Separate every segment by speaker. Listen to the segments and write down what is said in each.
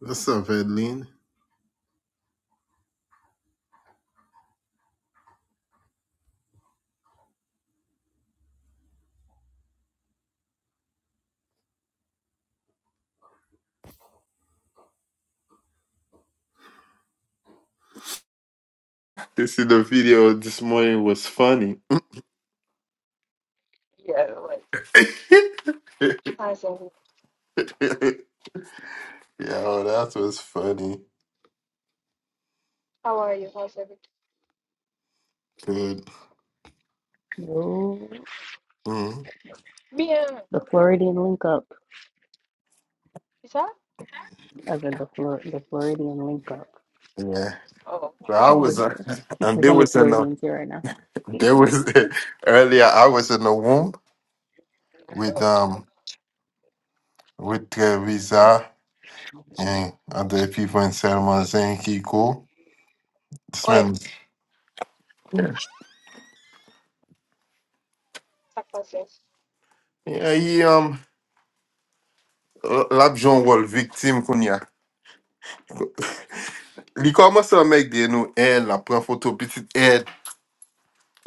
Speaker 1: What's up, Edlin? You see, the video this morning was funny.
Speaker 2: Yeah, like, hi, Sandy.
Speaker 1: Yeah, that was funny.
Speaker 2: How are you? How's everything?
Speaker 1: Good.
Speaker 3: No,
Speaker 1: Mhm.
Speaker 2: Bien.
Speaker 3: the Floridian link up.
Speaker 2: Is that?
Speaker 3: As in the Flor the Floridian link up.
Speaker 1: Yeah.
Speaker 2: Oh,
Speaker 1: So I was,
Speaker 3: There's
Speaker 1: uh, and
Speaker 3: there's
Speaker 1: there
Speaker 3: only
Speaker 1: was in a,
Speaker 3: Floridians here right now.
Speaker 1: there was earlier. I was in a room
Speaker 2: there it
Speaker 1: with
Speaker 2: goes.
Speaker 1: um with uh, Visa and other people in Selma and Kiko. This
Speaker 2: Oi,
Speaker 1: man, yeah,
Speaker 2: está passing.
Speaker 1: yeah, he um, l'abjon wall victime qu'on y a. Li komanse an mek de nou el, la prend photo, petite pitit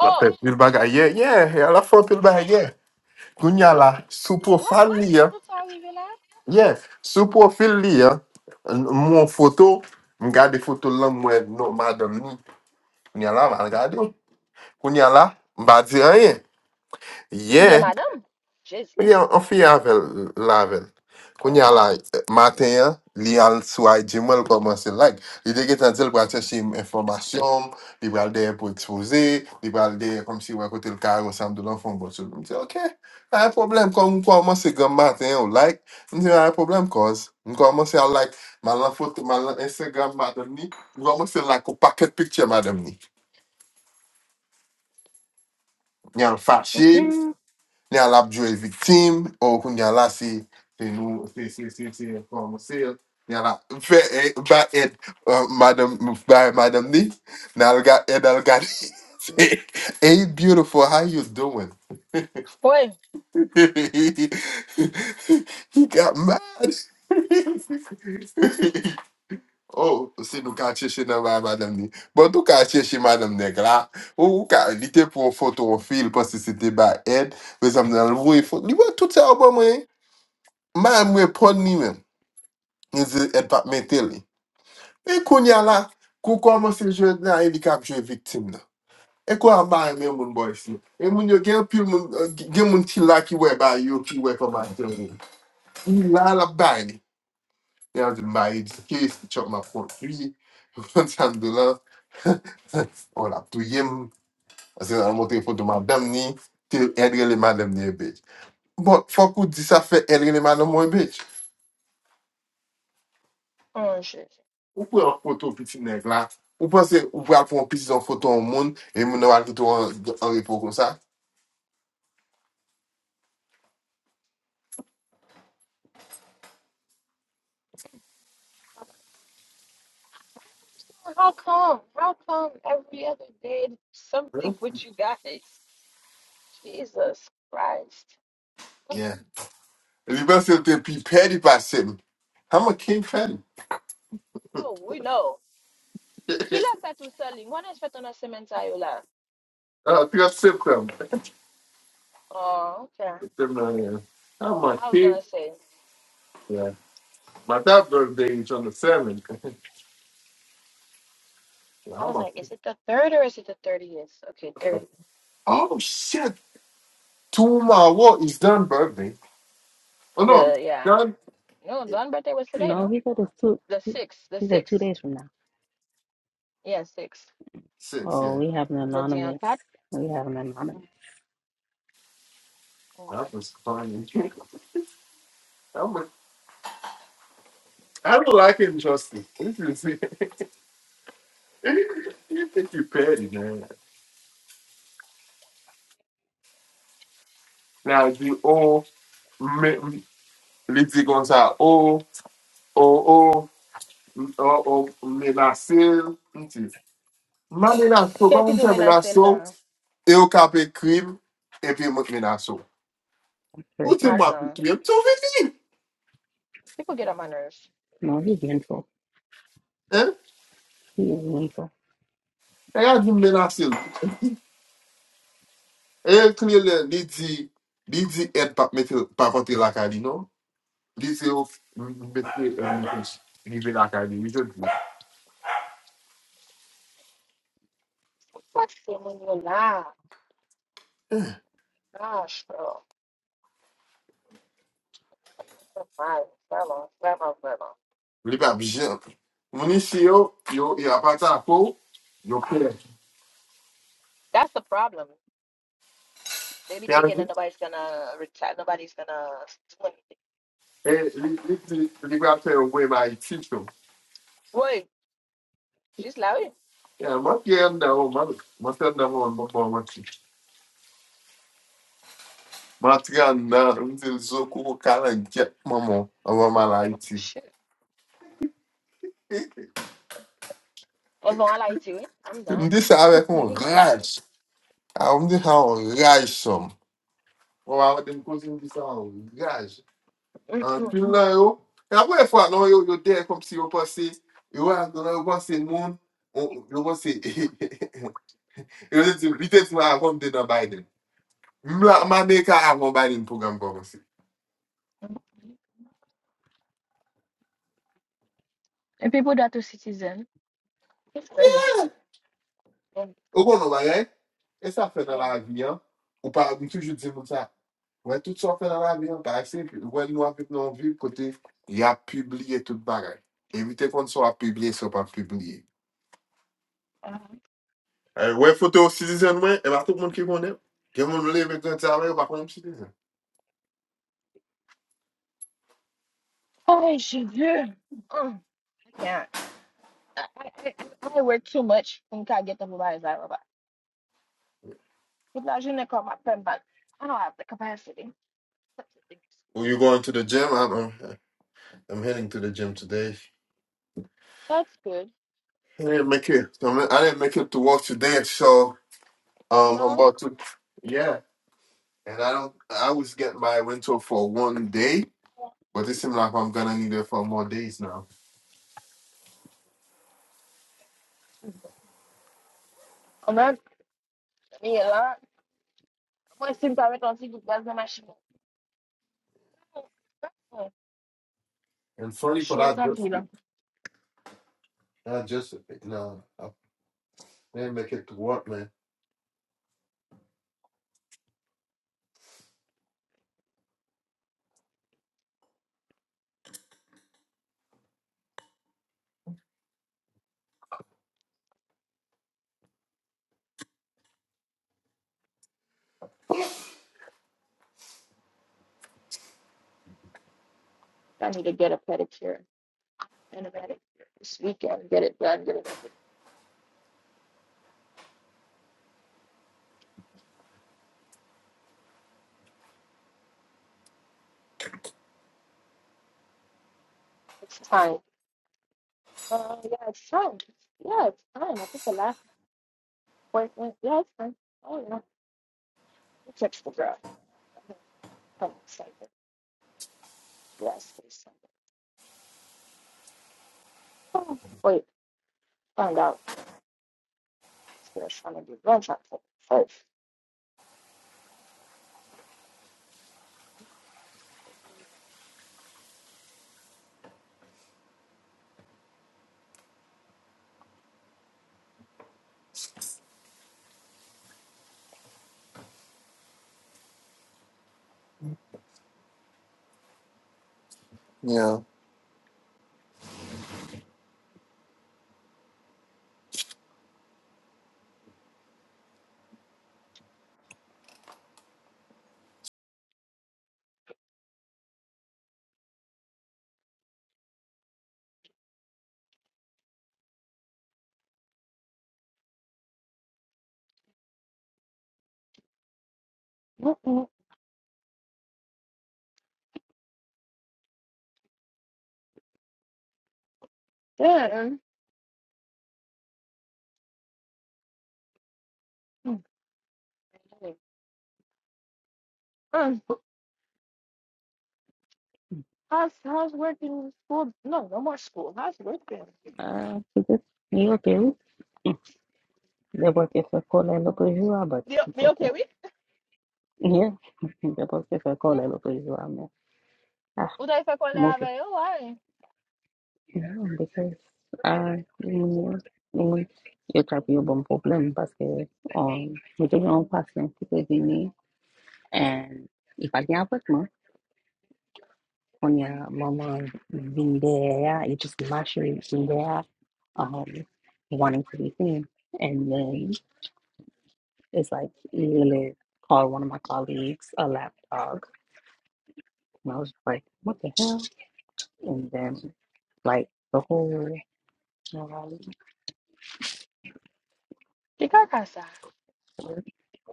Speaker 1: La pep pil bagay, ye, ye, a la fon pil bagay, ye. Kounya la, sou profil
Speaker 2: what?
Speaker 1: li ya,
Speaker 2: What's arrivé là?
Speaker 1: ye, sou profil li ya, n- moun foto, m gade foto lan mwen nou madam ni, kounya la, m
Speaker 2: Oh.
Speaker 1: gade, kounya la, m ba di anye,
Speaker 2: You
Speaker 1: ye,
Speaker 2: get madame? Jésus.
Speaker 1: Mwen gen an fi avel lavel. Koun ya
Speaker 2: Oh.
Speaker 1: la, maten ya, li al sou IG mwen l komanse like. Li de getan di l pral chèche im informasyon, li pral deye pou expose, li pral deye kom si wè kote l kar ou sam do lan fon botsou. Mwen di, ok, a yon problem kon mwen komanse gen maten ou like. Mwen di, a yon problem koz. Mwen komanse al like, man lan foto, man lan Instagram madam ni, mwen komanse like ou paket picture madam ni. Nyan fache,
Speaker 2: Mm-mm.
Speaker 1: Ni al ap jwe viktim, ou koun ya la se, se nou, se, se, se, se, kon monsel, ni al ap, fe, e, ba ed, uh, madam, ba madam ni, ni al ga ed al ga ni. Say, Hey, beautiful, how you doing?
Speaker 2: Oi.
Speaker 1: he got mad. oh, se nou ka cheshe nan ba madam ni. Bon, tou ka cheshe madam nek la. Ou, ou ka, li te pou foto ou fil, pasi se te ba ed, Bezam nan lvo e fote. Li wè tout se album e. Ma mwepon ni men, yon zi Edvard Mentele. E konya la, kou koman se jwe nan, e li kap jwe viktim nan. E kwa ba yon men moun boy si. E moun yo gen pil moun, euh, gen moun ti la ki we ba yo, ki we kon ba tel moun. Ni la la ba ni. E an zi ba yi di kes, chok ma fon tri, fon san do la, on la tou yem, an se an monte foto madam ni, te edre le madam ni e bej. Bon, fok ou di sa fe edre le madam mwen bej.
Speaker 2: Oh, Jésus.
Speaker 1: Ou pou an foto piti neg la, ou panse ou pou al pou an piti an foto an moun, e moun an al kito an, an repo kon sa?
Speaker 2: I don't understand. How come? How come every other day something
Speaker 1: Yeah.
Speaker 2: with you guys? Jesus Christ. Oh,
Speaker 1: yeah. Li
Speaker 2: oh,
Speaker 1: panse te pi pedi pa sem. I'm a king fan.
Speaker 2: oh, we know. Qui l'a fait tout seul? Moi, je fait ton semaine ça, yo, là.
Speaker 1: Oh,
Speaker 2: Oh, okay.
Speaker 1: yeah. I'm
Speaker 2: I was
Speaker 1: big.
Speaker 2: gonna say.
Speaker 1: Yeah. My day, man. Come
Speaker 2: I was
Speaker 1: on.
Speaker 2: like, is it the third or is it the thirtieth? Okay, thirtieth.
Speaker 1: Oh, shit. Tomorrow is done birthday. Oh, no.
Speaker 2: The yeah.
Speaker 1: Done.
Speaker 2: No, Don's birthday was today,
Speaker 3: No,
Speaker 2: no?
Speaker 3: he said it's two.
Speaker 2: The sixth. The
Speaker 3: He said two
Speaker 2: sixth.
Speaker 3: days from now.
Speaker 2: Yeah, sixth.
Speaker 1: Six,
Speaker 3: Oh,
Speaker 1: yeah.
Speaker 3: we have an
Speaker 2: Aujourd'hui en
Speaker 3: anonymous.
Speaker 2: quatre.
Speaker 3: We have an anonymous
Speaker 2: Mm.
Speaker 1: That was fun. I'm a, I don't like it, Justin. This is you think you petty, man. Now the oh, me, me, let's go Oh, oh, oh. ou menacer, non c'est, m'menace,
Speaker 2: Qui ce
Speaker 1: comment
Speaker 2: qui
Speaker 1: on
Speaker 2: te
Speaker 1: fait
Speaker 2: menaçait
Speaker 1: menace?
Speaker 2: là?
Speaker 1: Et au cas des crimes et puis menaces, où tu
Speaker 3: person.
Speaker 1: m'as vu?
Speaker 2: Attends.
Speaker 1: Tu es invité,
Speaker 2: People get on my nerves.
Speaker 3: No, he's mental.
Speaker 1: hein?
Speaker 3: He is mental.
Speaker 1: Regarde une menacé. Elle crée, lui dit, lui dit aide pour mettre parfumer la cuisine, non? Lui dit au, lui dit, livrer la cuisine, besoin de
Speaker 2: What's in your life?
Speaker 1: lui.
Speaker 2: Gosh, bro. That's so nice. Vraiment, vraiment, vraiment.
Speaker 1: Lui dit un objet. Monisio, il a pas ta peau, il est clair.
Speaker 2: That's the problem. They be thinking that nobody's gonna retire, nobody's gonna do anything.
Speaker 1: Et lui
Speaker 2: Oh,
Speaker 1: dit, lui dit, lui dit quoi faire? Oui, mais il faut
Speaker 2: Wait, she's loud. Oh,
Speaker 1: Yeah, matenda o mano, matenda mo mama mati. Matenda, mzil zoko ko kala get mama, ama malaiti.
Speaker 2: Shit. What's going on, like, you? I'm done.
Speaker 1: Mdi sa avek on
Speaker 2: You're not a
Speaker 1: raj. A mdi sa on raj som. O awa dem kozi mdi sa on raj.
Speaker 2: man.
Speaker 1: An pil nan yo, e apwe e fwa nan yo, yo de kom si yo pase, yo an konan yo pase moun, o- yo pase, yo de ti, li te ti ma akom de nan Biden. Mla, ma me ka akom Biden program kon
Speaker 2: And people that are citizen. It's crazy. Mm,
Speaker 1: Ou kon nou bagay, e sa fè nan la
Speaker 2: mm,
Speaker 1: vi an, ou pa, mi toujou di moun sa, wè tout sa fè nan la vi an, par eksempl, wè nou avik nan vi kote, y a publie tout bagay. Evite kon so a publie, so pa publie.
Speaker 2: uh,
Speaker 1: Eh, wè foto ou citizen mwen, e ba tout moun ki konen, gen moun mle evik nan tave, ou pa kon citizen.
Speaker 2: Oh, she did. Mm, I can't. I, I, I, I I work too much and can't get up about that robot. People are going to call my pen back. I don't have the capacity.
Speaker 1: Ou you going to the gym? I'm, I'm, I'm heading to the gym today.
Speaker 2: That's good.
Speaker 1: I didn't make it. I'm, I didn't make it to work today, so um, I'm
Speaker 2: No.
Speaker 1: about to. Yeah, and I don't. I was getting my rental for one day, But it seems like I'm gonna need it for more days now.
Speaker 2: I'm not. Yeah. là, Moi, c'est une pareille quand tu places dans ma chambre.
Speaker 1: And sorry for
Speaker 2: Chose
Speaker 1: that,
Speaker 2: en
Speaker 1: just
Speaker 2: pile.
Speaker 1: I just you know I didn't make it to work, man.
Speaker 2: I need to get a pedicure and a manicure this weekend. Get it done. Get it over. It's time. Uh, yeah, it's fine. Yeah, it's fine. I think the last appointment yeah, it's fine. Oh, yeah. I catch the girl. I'm excited. Yes, please. Oh, wait, found out. It's going to trying to do lunch at four first.
Speaker 1: Yeah.
Speaker 2: Mm-mm. Yeah. Mm. Um, how's, how's work in school? No, no more school. How's work going
Speaker 3: Uh, he just he okay. They work if they call it local but
Speaker 2: Deu,
Speaker 3: it's
Speaker 2: deu o
Speaker 3: okay.
Speaker 2: quê, ui?
Speaker 3: Yeah, they work if they call
Speaker 2: Hum,
Speaker 3: it local man. Ah,
Speaker 2: O daí foi quando
Speaker 3: multi.
Speaker 2: eu aí, uai.
Speaker 3: Yeah, because ah, ini ini yo tapi yo bon problem parce um yo tengo un patient qui peut venir and if I can't work mo on ya mama been there you just mashing in there um wanting to be seen and then it's like he literally called one of my colleagues a lap dog and I was just like what the hell and then like the whole um,
Speaker 2: Fica a caçar.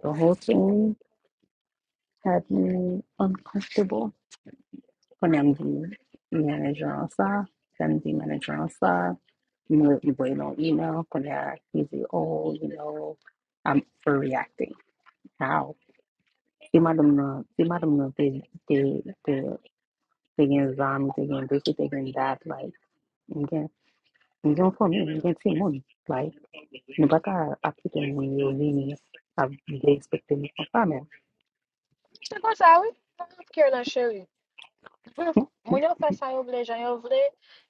Speaker 3: the whole thing had me uncomfortable kwenye mji manager wansa mji manager answer, you wansa no email kwenye hizi oh you know I'm overreacting how simadam no simadam no they might have known they they they getting zombies they getting this they getting that like again you don't for me you can see money like you apita nini I've they expected me from family
Speaker 2: Você consegue, ui? Carolina Well, when your first time over there, Jean, you over there,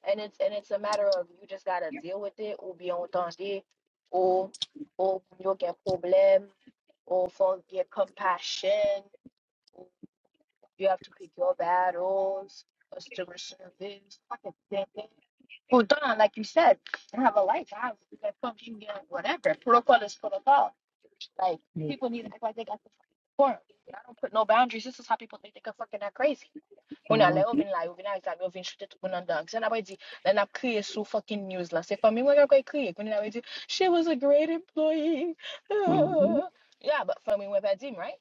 Speaker 2: and it's and it's a matter of you just gotta deal with it ou bien entendre ou ou you get problem or forget compassion ou you have to pick your battles customer service fucking thing. Well done, like you said, I have a life, I have that function get whatever. Protocol is protocol. Like people need to act like they got the fucking form. I don't put no boundaries. This is how people think they can fucking act crazy. Una le ou
Speaker 3: mm-hmm.
Speaker 2: vin la, ou vin a exam, ou vin chute tout moun an dan. Kisen apre di, len ap kriye sou fucking news la. Se fami mwen apre kriye. Kounen apre di, she was a great employee.
Speaker 3: mm-hmm,
Speaker 2: Ah. yeah, but fami mwen pa dim, right?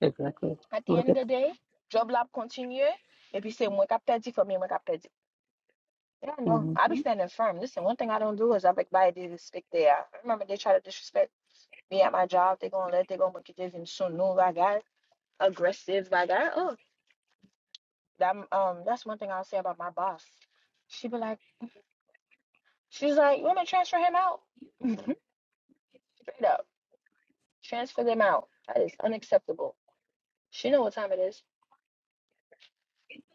Speaker 3: exactly
Speaker 2: At the
Speaker 3: look
Speaker 2: end of
Speaker 3: at
Speaker 2: the day, job lab continue. E pi se mwen kap te di, fami mwen kap te di. Yeah, no. I
Speaker 3: mm-hmm.
Speaker 2: be standing firm. Listen, one thing I don't do is I beg, by disrespect there. I remember they try to disrespect me at my job. They gonna let, they gonna make it even so no bagay. Aggressive bagay. Oh, that, um, that's one thing I'll say about my boss. She be like, She's like, "You want me to transfer him out?" Straight up, transfer them out. That is unacceptable. She know what time it is.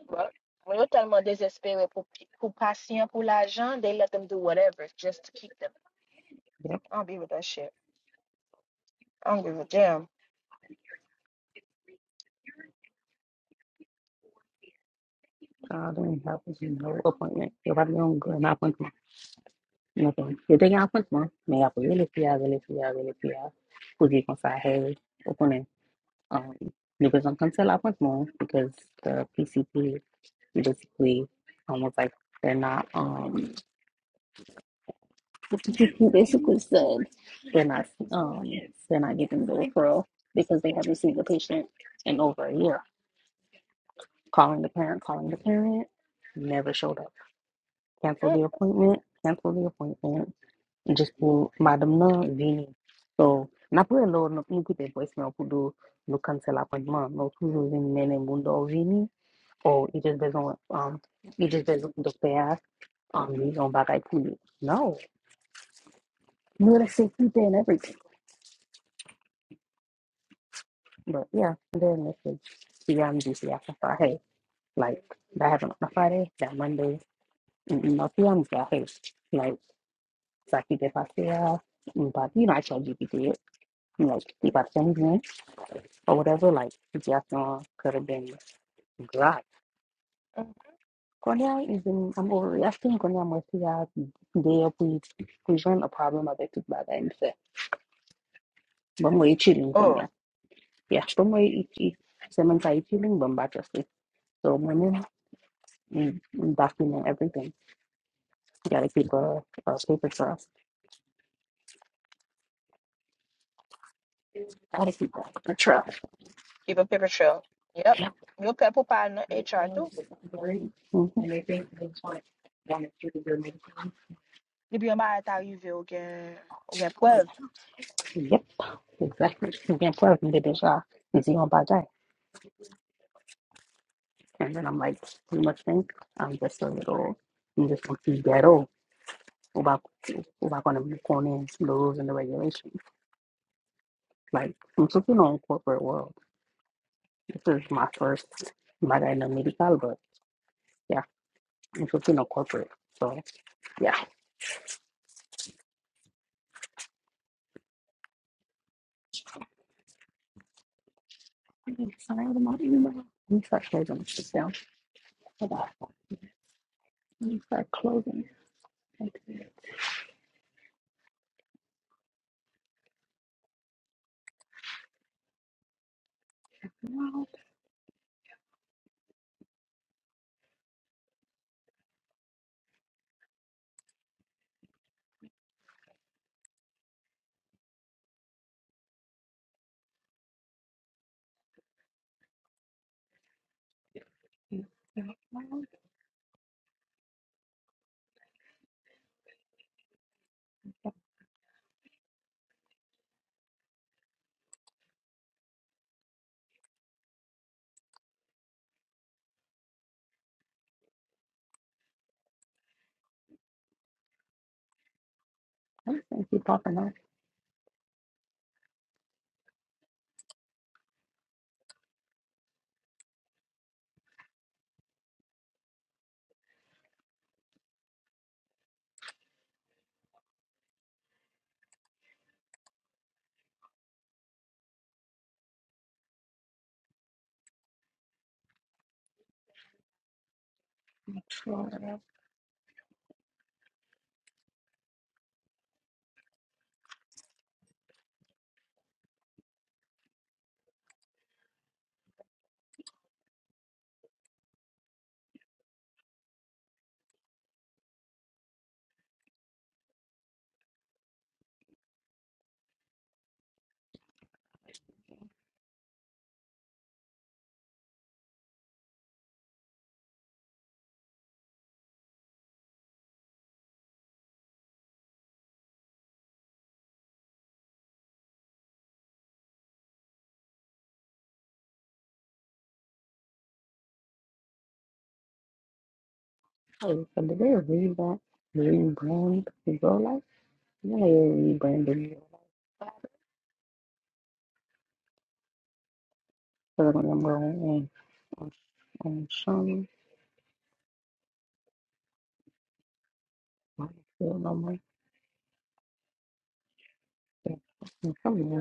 Speaker 2: But when you're tellement désespéré pour pour patient pour l'argent, they let them do whatever just to keep them.
Speaker 3: Yep.
Speaker 2: I don't be with that shit. I don't give a damn.
Speaker 3: I don't have no appointment. Everybody on good, not appointment. Nothing. If they got appointment, may I really feel, really feel, really feel. Who's you can say, hey, opening. Um, you can cancel appointment because the PCP basically almost like they're not, um, basically said they're not, um, they're not giving the referral because they have received the patient in over a year. Calling the parent, calling the parent, never showed up. cancel
Speaker 2: Mm,
Speaker 3: the appointment, cancel the appointment, just pour madame nan vini. So, na napre lor nou nou kite voicemail pou do nou cancel appointment, No, toujou vini mene moun do vini, Or i just bezon, um, i just bezon dokte ya, um, you li yon bagay pou li. No, nou la sekite and everything. But yeah, and then message, si yam di si after Friday, like, that happened on a Friday, that Monday, not si yam si hey, like, sa kite pase ya, but you know, I told you, Like you
Speaker 2: mm,
Speaker 3: got things in or whatever, like it's just uh, could have been dry.
Speaker 2: mm.
Speaker 3: Cornell is in I'm overreacting Cornell Messia there with present a problem about it by the say, But way chilling
Speaker 2: Oh,
Speaker 3: Konya." Yeah, but way it's seven side chilling but by just it. So women mm, mm, document everything. You gotta keep a, a paper trail. Gotta keep a paper trail.
Speaker 2: keep a paper trail. Yep.
Speaker 3: Yep.
Speaker 2: Yo pay pour parler dans HR too. Li bi yon ba arrivé ou gen, ou preuve.
Speaker 3: Mhm. Yep, exactly. Again, plus me deja is the on bagay. And then I'm like, you must think I'm just a little, I'm just going to ghetto about about going to going in the rules and the regulations. Like, I'm cooking on corporate world. This is my first bagay na medical, but yeah, I'm cooking on corporate. So yeah. I'm Sorry, I'm not even. Let me start closing this down. Hold on. Let me start closing. Thank you. Thank you, Papa. Hey, so did they rebrand, rebrand Ebola? Life? Yeah, they rebranded Ebola. I'm number on and um, um, Sean, I feel no more.